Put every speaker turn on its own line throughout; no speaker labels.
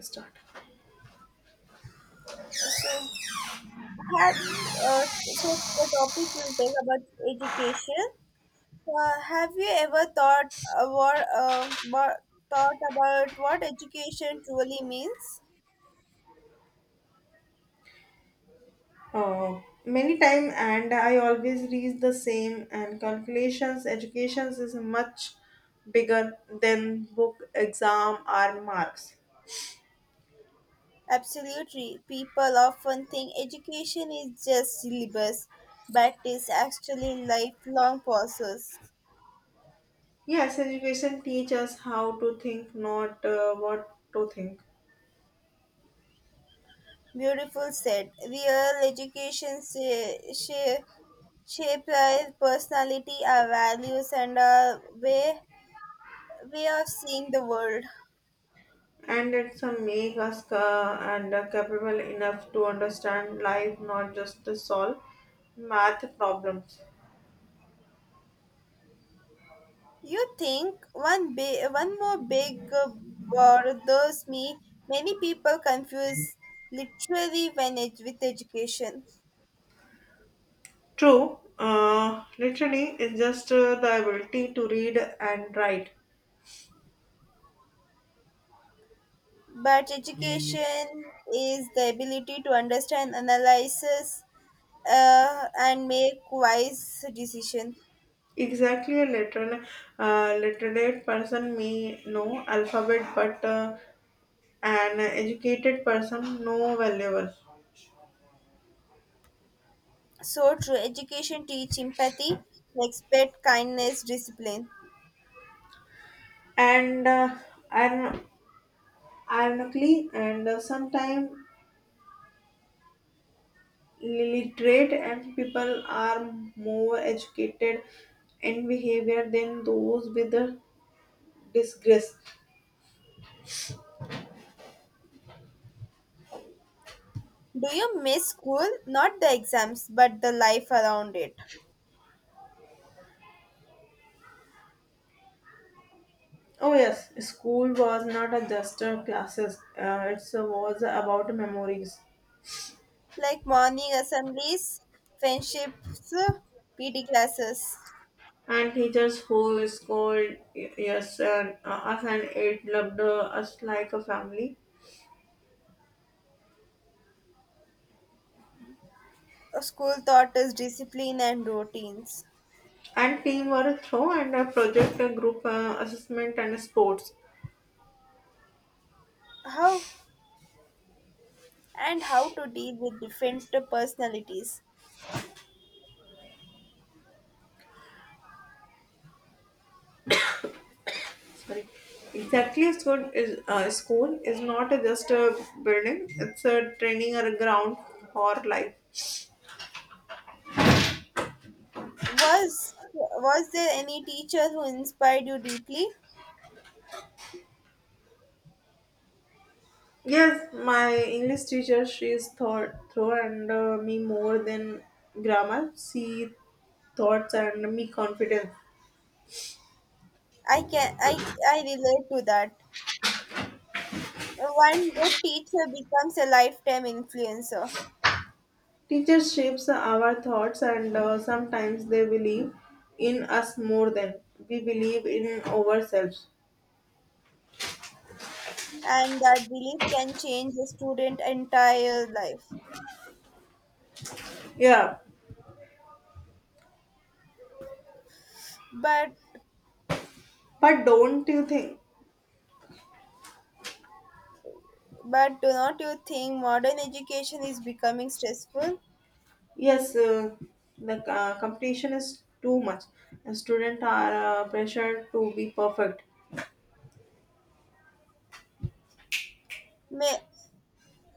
Start.
So have you, the topic will be about education. Have you ever thought about thought about what education truly means?
Many time and I always reach the same and calculations educations is much bigger than book exam or marks.
Absolutely, people often think education is just syllabus, but it's actually lifelong process.
Yes, education teach us how to think, not what to think.
Beautiful said, real education shapes our personality, our values and our way of seeing the world.
And it's a make us and capable enough to understand life, not just to solve math problems.
You think one more big bothers me. Many people confuse literally when it with education,
True, literally it's just the ability to read and write.
but education is the ability to understand, analysis, and make wise decision.
Exactly, a literate, literate person may know alphabet, but an educated person know valuable.
So true. Education teach empathy, respect, kindness, discipline.
And uh, and ironically, and sometimes literate and people are more educated in behavior than those with the disgrace.
Do you miss school? Not the exams, but the life around it.
Oh yes, school was not a just classes. It was about memories.
Like morning assemblies, friendships, PD classes,
And teachers who scold yes and us and it loved us like a family.
school taught us discipline and routines.
And teamwork show and a project a group assessment and a sports.
How and how to deal with different personalities.
Sorry. Exactly, school is not just a building, it's a training or a ground for life.
Was there any teacher who inspired you deeply?
Yes, my English teacher, she's thought through and me more than grammar, she thoughts and me confidence.
I can I relate to that. One good teacher becomes a lifetime influencer,
Teachers shapes our thoughts and sometimes they believe in us more than we believe in ourselves.
and that belief can change a student entire life.
Yeah,
But
but don't you think?
But do not you think modern education is becoming stressful?
Yes, the competition is too much. Students are pressured to be perfect.
Ma-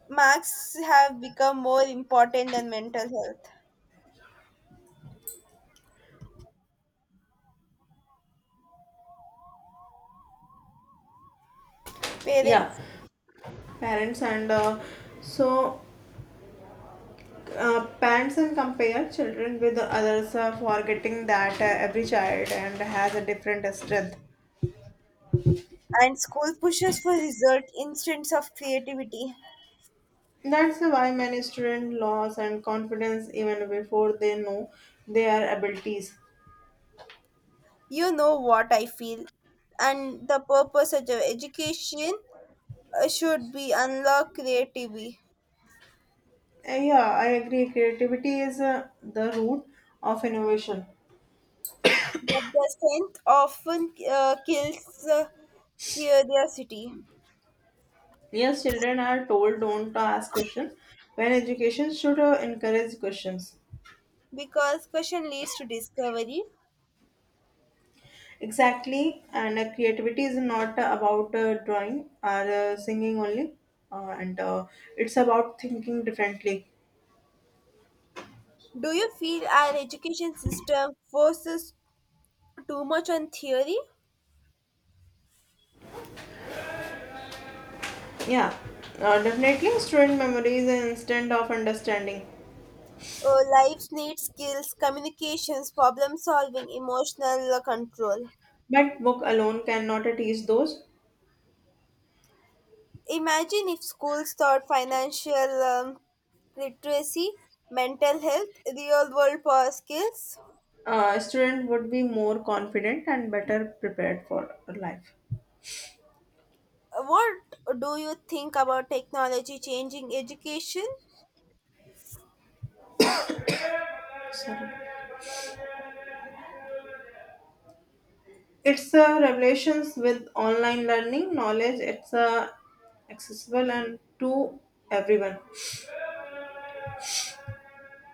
Marks have become more important than mental health.
Yeah,
Parents
parents and so parents and compare children with others, forgetting that every child and has a different strength.
and school pushes for result instead of creativity.
That's why many students lose and confidence even before they know their abilities.
You know what I feel, and the purpose of the education should be unlock creativity.
Yeah, I agree. Creativity is the root of innovation.
But the strength often kills curiosity,
Yes, children are told don't to ask questions when education should encourage questions.
because question leads to discovery.
Exactly, and creativity is not about drawing or singing only, and it's about thinking differently.
Do you feel our education system forces too much on theory?
Yeah, definitely, student memory is an instant of understanding.
Or lives need skills, communications, problem solving, emotional control.
But book alone cannot it ease those.
Imagine if schools taught financial literacy, mental health, real world power skills.
Student would be more confident and better prepared for life.
What do you think about technology changing education?
It's a revelations with online learning knowledge. It's accessible and to everyone.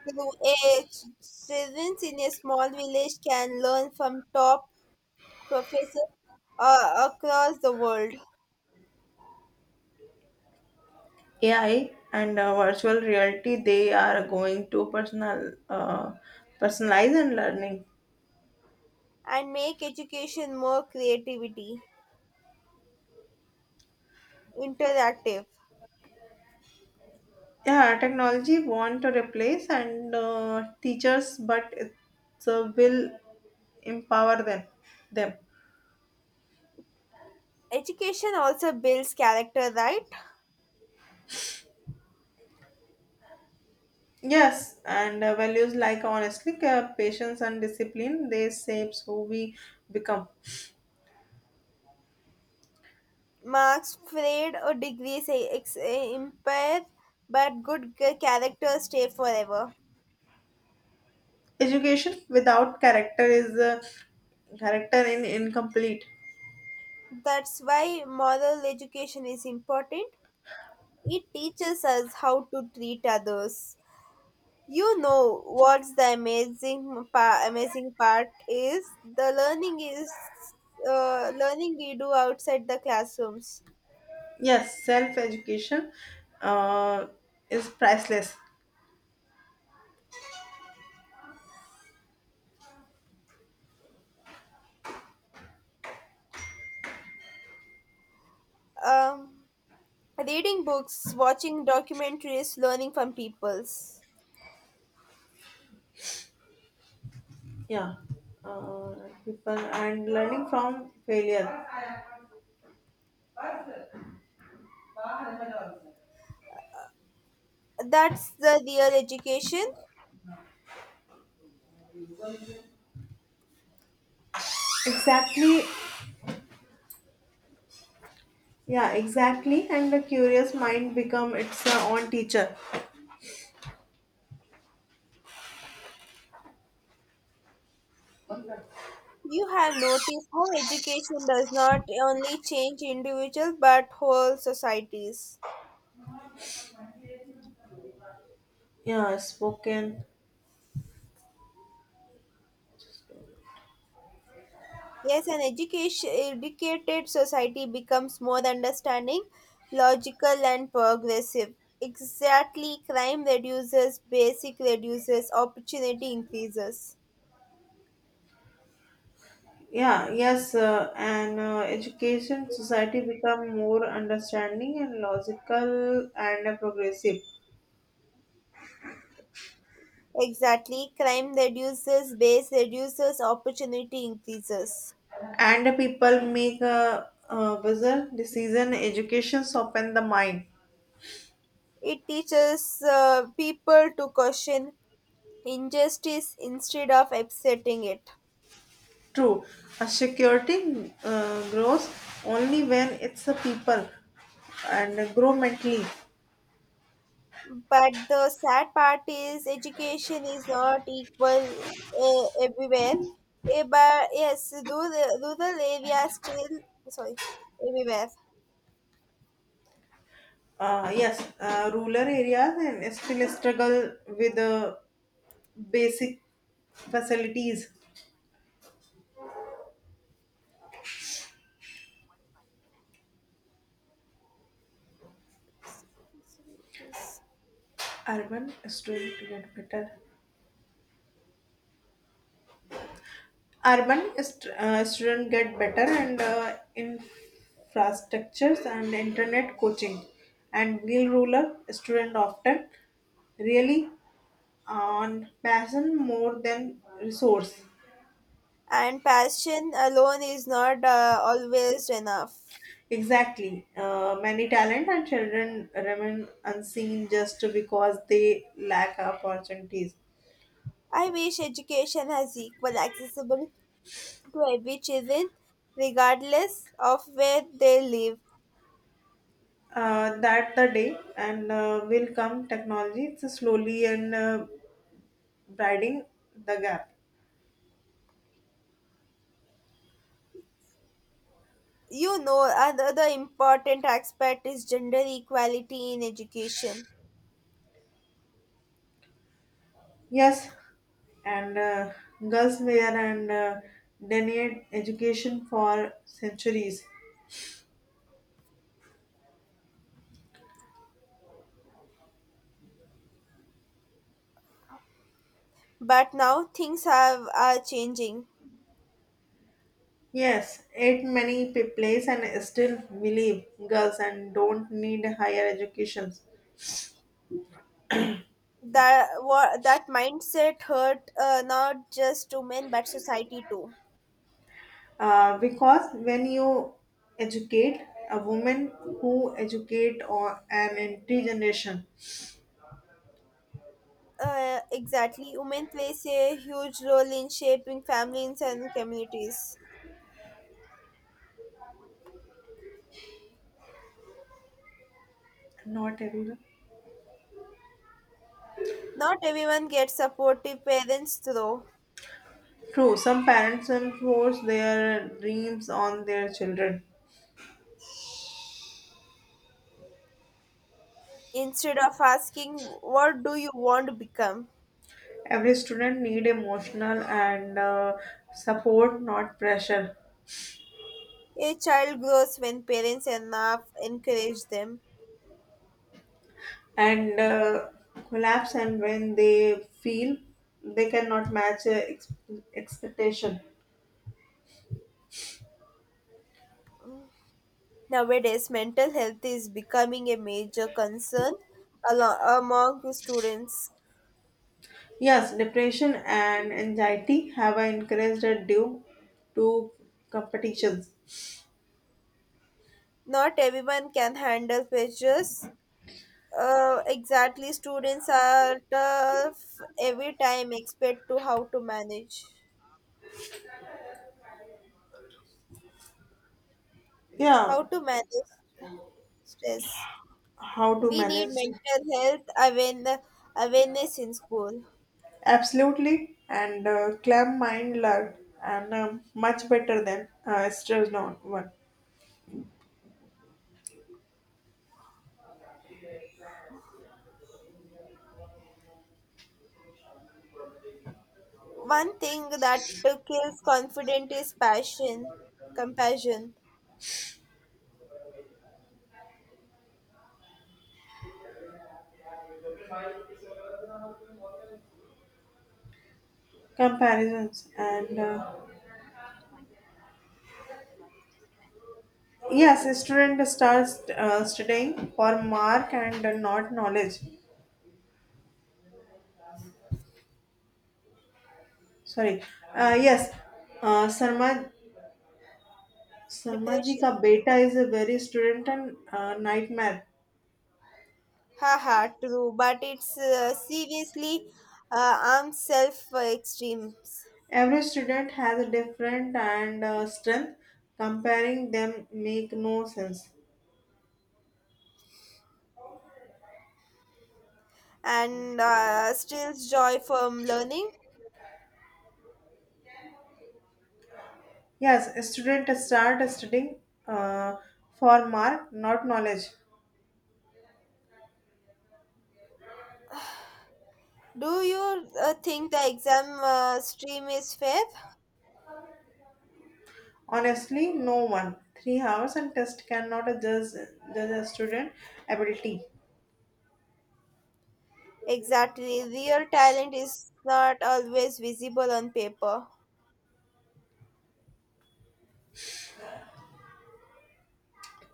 Through a I, students in a small village can learn from top professors across the world.
AI and virtual reality they are going to personal personalize and learning.
And make education more creativity interactive.
Yeah, technology want to replace and teachers, but it's will empower them.
Education also builds character, right?
Yes, and values like honestly, care, patience, and discipline they shapes who we become.
Marks grade or degrees impair, but good character stay forever.
Education without character is character in incomplete.
That's why moral education is important. It teaches us how to treat others. You know what's the amazing part is the learning is learning we do outside the classrooms.
Yes, self education uh, is priceless.
um Reading books, watching documentaries, learning from peoples.
Yeah, uh, people and learning from failure.
That's the real education.
Exactly. Yeah, exactly. And the curious mind become its own teacher.
You have noticed how education does not only change individuals but whole societies.
Yeah, spoken.
Yes, an education educated society becomes more understanding, logical and progressive. Exactly, crime reduces, basic reduces, opportunity increases.
Yeah, yes, and education society become more understanding and logical and progressive,
Exactly, crime reduces, base reduces, opportunity increases.
and the people make a, wiser decision. Education open the mind.
It teaches people to question injustice instead of accepting it.
True, a security grows only when it's a people and grow mentally.
But the sad part is education is not equal everywhere. But yes, rural areas still sorry everywhere.
Yes, rural areas and still struggle with the basic facilities. Urban is doing to get better. Students get better and infrastructures and internet coaching, and real rural student often really on passion more than resource.
And passion alone is not always enough.
Exactly, many talent and children remain unseen just because they lack opportunities.
I wish education has equal accessible to every children, regardless of where they live.
That the day and will come technology to slowly and bridging the gap.
You know, another important aspect is gender equality in education.
Yes, and girls wear and denied education for centuries.
But now things have are changing.
Yes, it many place and still believe girls and don't need higher educations.
That what that mindset hurt not just women but society too.
Because when you educate a woman who educate or an entire generation,
Exactly, women plays a huge role in shaping families and communities.
not everyone.
Not everyone gets supportive parents though.
True, some parents enforce their dreams on their children.
Instead of asking, "What do you want to become?"
Every student need emotional and support, not pressure.
A child grows when parents enough encourage them.
And collapse and when they feel they cannot match expectation.
Nowadays, mental health is becoming a major concern among the students.
Yes, depression and anxiety have increased due to competitions.
Not everyone can handle pressures. Exactly, students are tough every time expect to
Yeah,
how to manage stress.
how to
We need
manage.
mental health awareness in school.
Absolutely, and clam mind learned and much better than stressed on one.
One thing that kills confidence is passion, compassion,
Comparisons and yes, a student starts studying for mark and not knowledge. Sorry. Yes, uh, Sarma Sarma ji
depression.
ka beta is a very student and nightmare.
Haha, true, but it's seriously armed self for extremes
Every student has a different and strength. Comparing them make no sense.
and steals joy from learning.
Yes, a student start studying uh, for mark, not knowledge.
Do you think the exam stream is fair?
Honestly, no one. 3 hours and test cannot judge a student ability.
Exactly, real talent is not always visible on paper.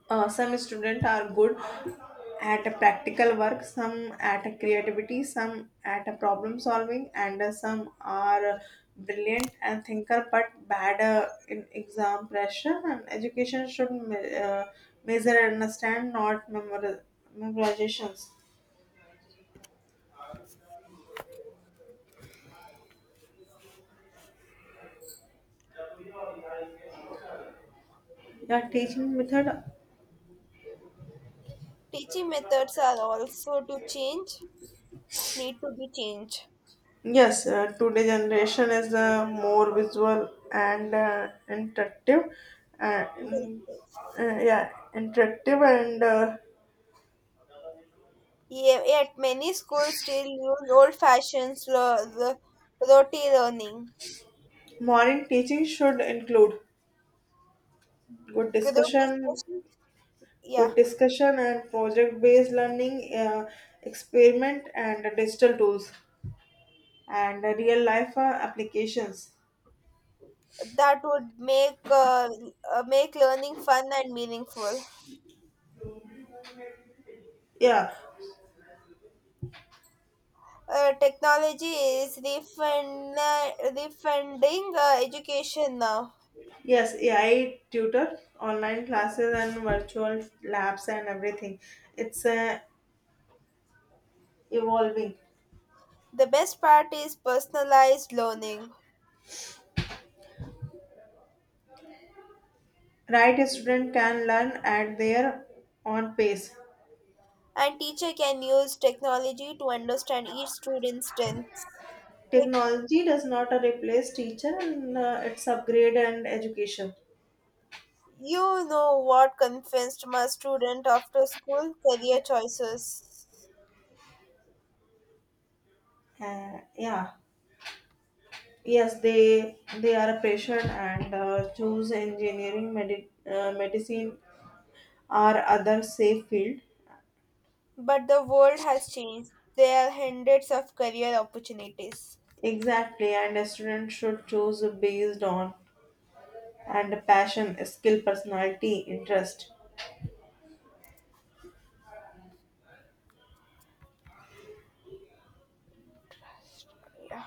Some students are good at a practical work, some at a creativity, some at a problem solving, and some are brilliant and thinker but bad in exam pressure, and education should measure and understand, not memorizations. Yeah, teaching method.
Teaching methods are also to change, need to be changed.
Yes, today generation is more visual and interactive, uh, mm,
Interactive.
yeah, interactive and
Yet many schools still use old-fashioned roti learning.
morning teaching should include good
Group
discussion,
discussion, yeah,
good discussion and project-based learning, experiment and digital tools and real-life applications.
that would make learning fun and meaningful.
Yeah,
Technology is refund, refunding education now.
yes, AI tutor, online classes and virtual labs and everything. It's evolving.
The best part is personalized learning,
Right, a student can learn at their own pace.
and teacher can use technology to understand each student's strengths.
Technology does not replace teacher and it's upgrade and education.
You know what convinced my student after school? Career choices.
Yeah, yes, they are patient and choose engineering, medicine, or other safe field.
But the world has changed. There are hundreds of career opportunities.
Exactly, and a student should choose based on and passion, skill, personality, interest.
Yeah.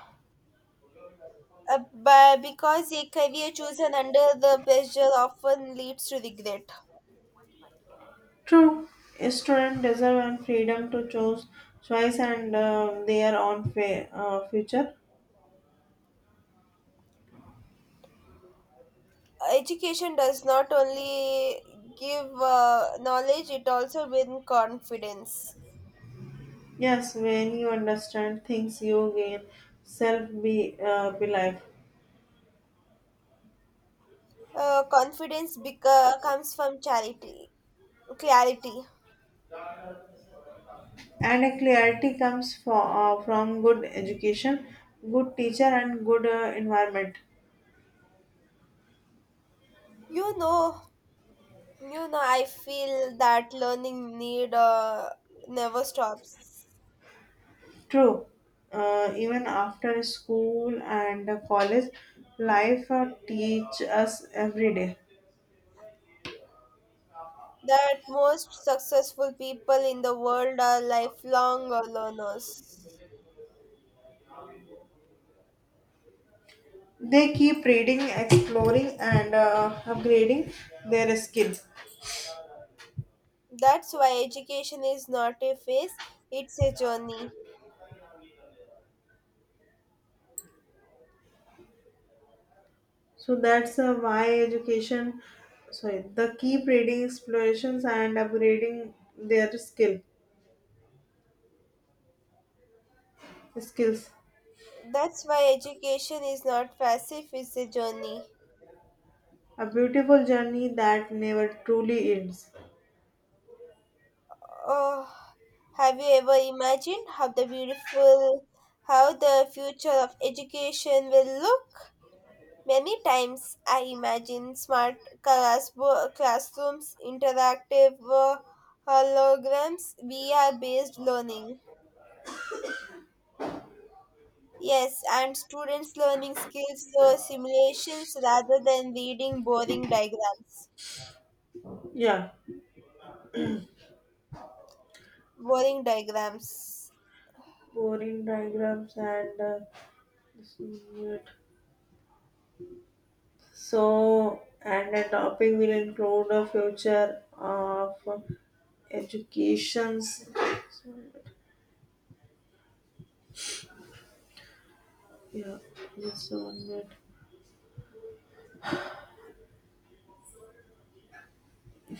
But because a career chosen under the pressure often leads to regret.
True, a student deserve and freedom to choose choice and their own future.
Education does not only give knowledge, it also brings confidence.
Yes, when you understand things, you gain self be belief.
Confidence comes from charity, clarity.
And a clarity comes for, from good education, good teacher and good environment.
You know You know, I feel that learning need never stops.
True, even after school and college, life teach us every day.
That most successful people in the world are lifelong learners.
They keep reading exploring and upgrading their skills.
That's why education is not a phase, it's a journey.
So that's why education, sorry, the keep reading explorations and upgrading their skills.
That's why education is not passive, it's a journey.
A beautiful journey that never truly ends.
Oh, have you ever imagined how the beautiful, how the future of education will look? Many times I imagine smart classrooms, interactive holograms, VR based learning. Yes, and students learning skills through simulations rather than reading boring diagrams.
Yeah,
Boring diagrams.
boring diagrams and this is it. So and the topic will include the future of educations. So, yeah, just 1 minute.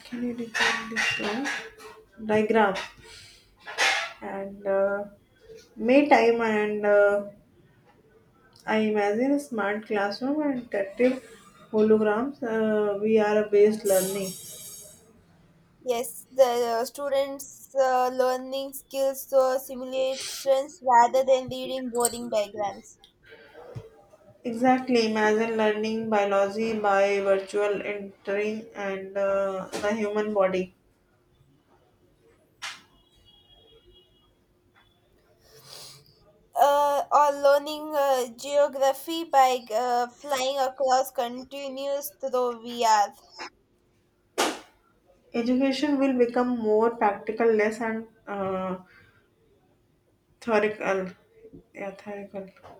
Can you repeat this one? Diagram and May time and I imagine a smart classroom and interactive holograms, VR based learning.
Yes, the students learning skills through simulations rather than reading boring diagrams.
Exactly, imagine learning biology by virtual entering and the human body.
Or learning geography by flying across continues through VR.
Education will become more practical, less and theoretical. Yeah, theoretical.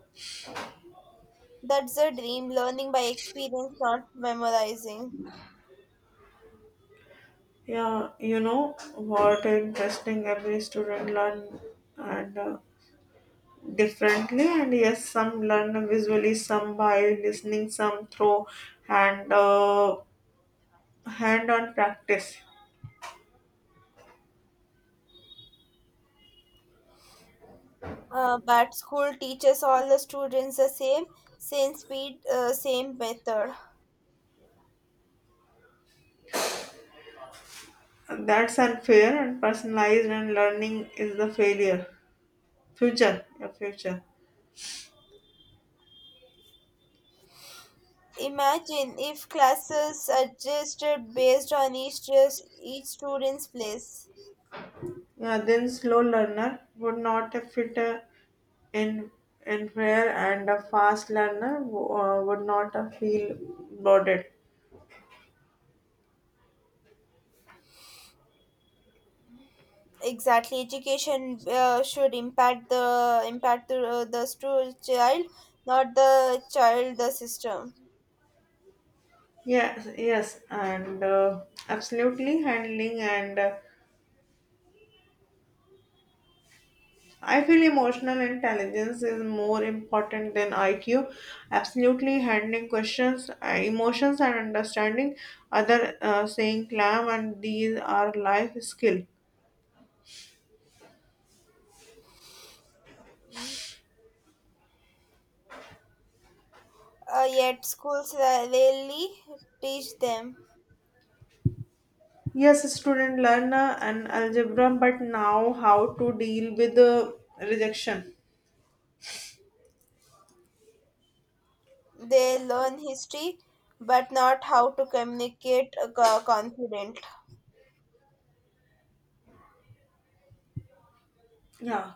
That's a dream, learning by experience, not memorizing.
Yeah, you know what interesting every student learn and differently, and yes, some learn visually, some by listening, some through and hand on practice.
But school teaches all the students the same, same speed, same method.
That's unfair, and personalized and learning is the failure future your future.
Imagine if classes adjusted based on each student's place.
Yeah, then slow learner would not fit in in prayer, and a fast learner would not feel bored.
Exactly, education should impact the child, not the child the system.
Yes, and absolutely handling and I feel emotional intelligence is more important than IQ. Absolutely, handling questions, emotions, and understanding other saying clam, and these are life skill.
Yet schools rarely teach them.
Yes, student learn an algebra, but now how to deal with the rejection.
They learn history but not how to communicate confident.
Yeah,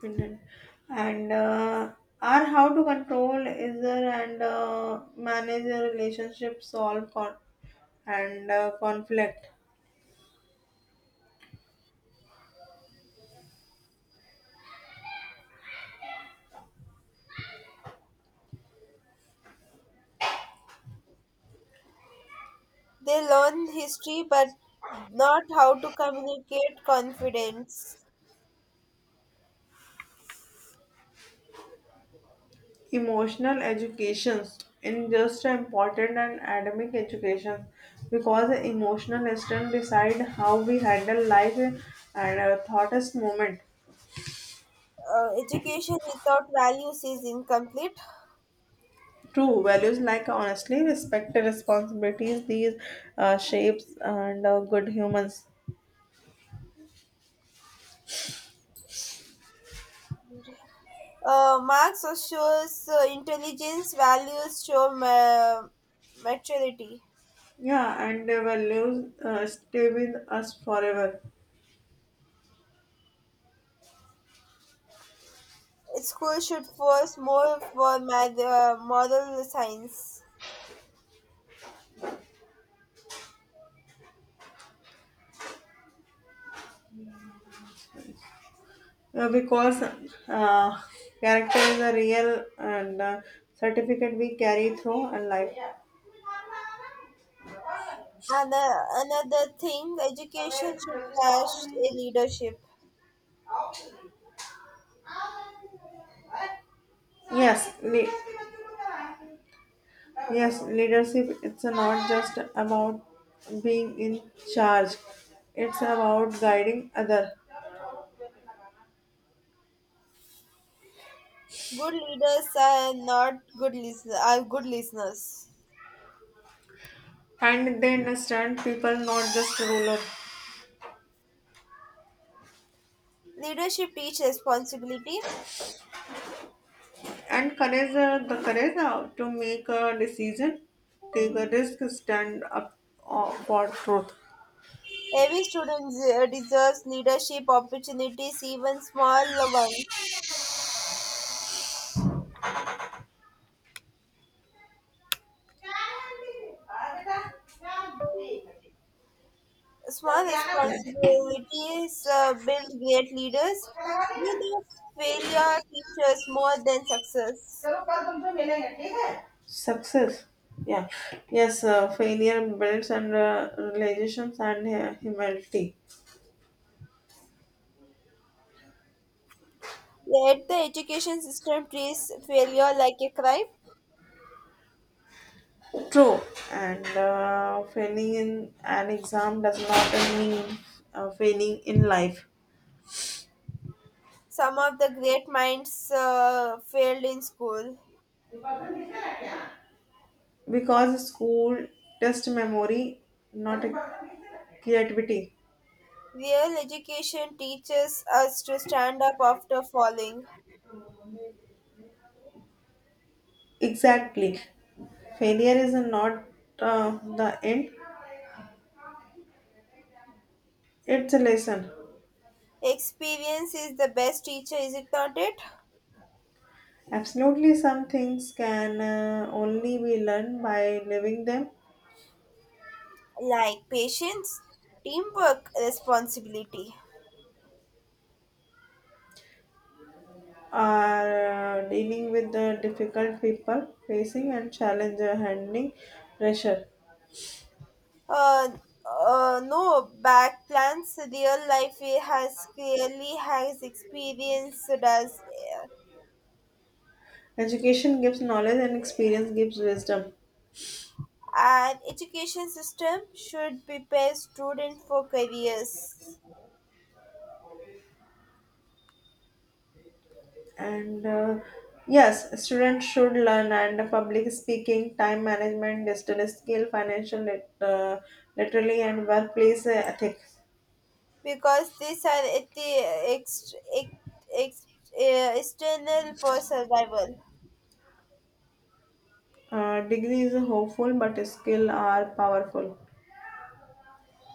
Finland. And are how to control is there and manage a relationship, solve con- and conflict.
They learn history but not how to communicate confidence.
Emotional educations in just important and academic education because emotional strength decide how we handle life and our thoughtest moment.
Education without values is incomplete.
True, values like honestly respect and responsibilities, these shapes and good humans.
Marx assures intelligence values show maturity.
Yeah, and the values stay with us forever.
School should force more for math, moral science.
Uh, because uh, character is a real and certificate we carry through and life.
And another thing, education should crash a leadership.
Yes, li- Yes, leadership it's not just about being in charge. It's about guiding other.
Good leaders are not good listeners. Are good listeners.
And they understand people, not just ruler.
Leadership teaches responsibility.
And courage the courage to make a decision, take a risk, stand up for truth.
Every student deserves leadership opportunities, even small ones. Small responsibilities build great leaders. You know, failure teaches more than success.
चलो कल तुमसे मिलेंगे ठीक है. Success. Yeah. Yes, failure builds and relations and humility.
Yet the education system treats failure like a crime.
True. And failing in an exam does not mean failing in life
Some of the great minds failed in school.
because school test memory, not creativity.
Real education teaches us to stand up after falling.
Exactly. Failure is not uh, the end, it's a lesson.
Experience is the best teacher, is it not it?
Absolutely, some things can only be learned by living them,
Like patience, teamwork, responsibility.
or dealing with the difficult people, facing and challenge, or handling pressure.
Uh, no, back plans. Real life has clearly has experienced as uh,
Education gives knowledge and experience gives wisdom.
an education system should prepare students for careers
And yes, students should learn and public speaking, time management, digital skill, financial literacy, and workplace ethics.
because these are at the ex, ex, ex, external for survival.
Degree is hopeful, but skill are powerful.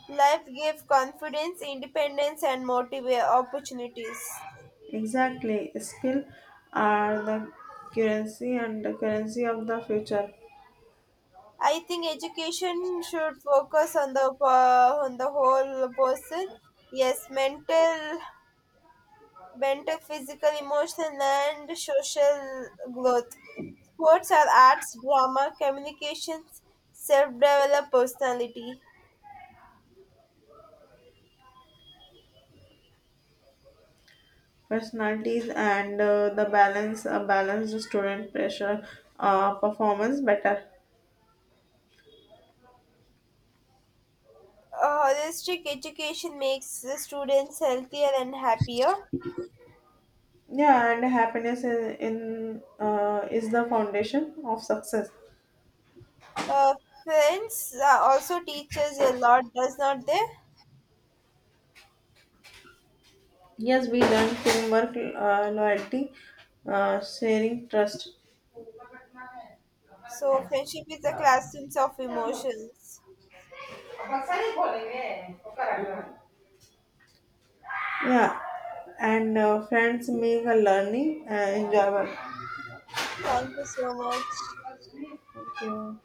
Life gives confidence, independence, and motive opportunities.
Exactly. Skill are the currency and the currency of the future.
I think education should focus on the whole person. Yes, mental, physical, emotional, and social growth. Sports are arts, drama, communications, self-developed personality.
Personalities and the balance, a balanced student pressure, performance better.
A holistic education makes the students healthier and happier.
Yeah, and happiness in, is the foundation of success.
Uh, Friends also teaches a lot, does not they?
Yes, we learn teamwork, loyalty, sharing, trust.
So friendship is the classrooms of emotions.
Yeah, and friends make a learning enjoyable.
Thank you so much.
Thank you.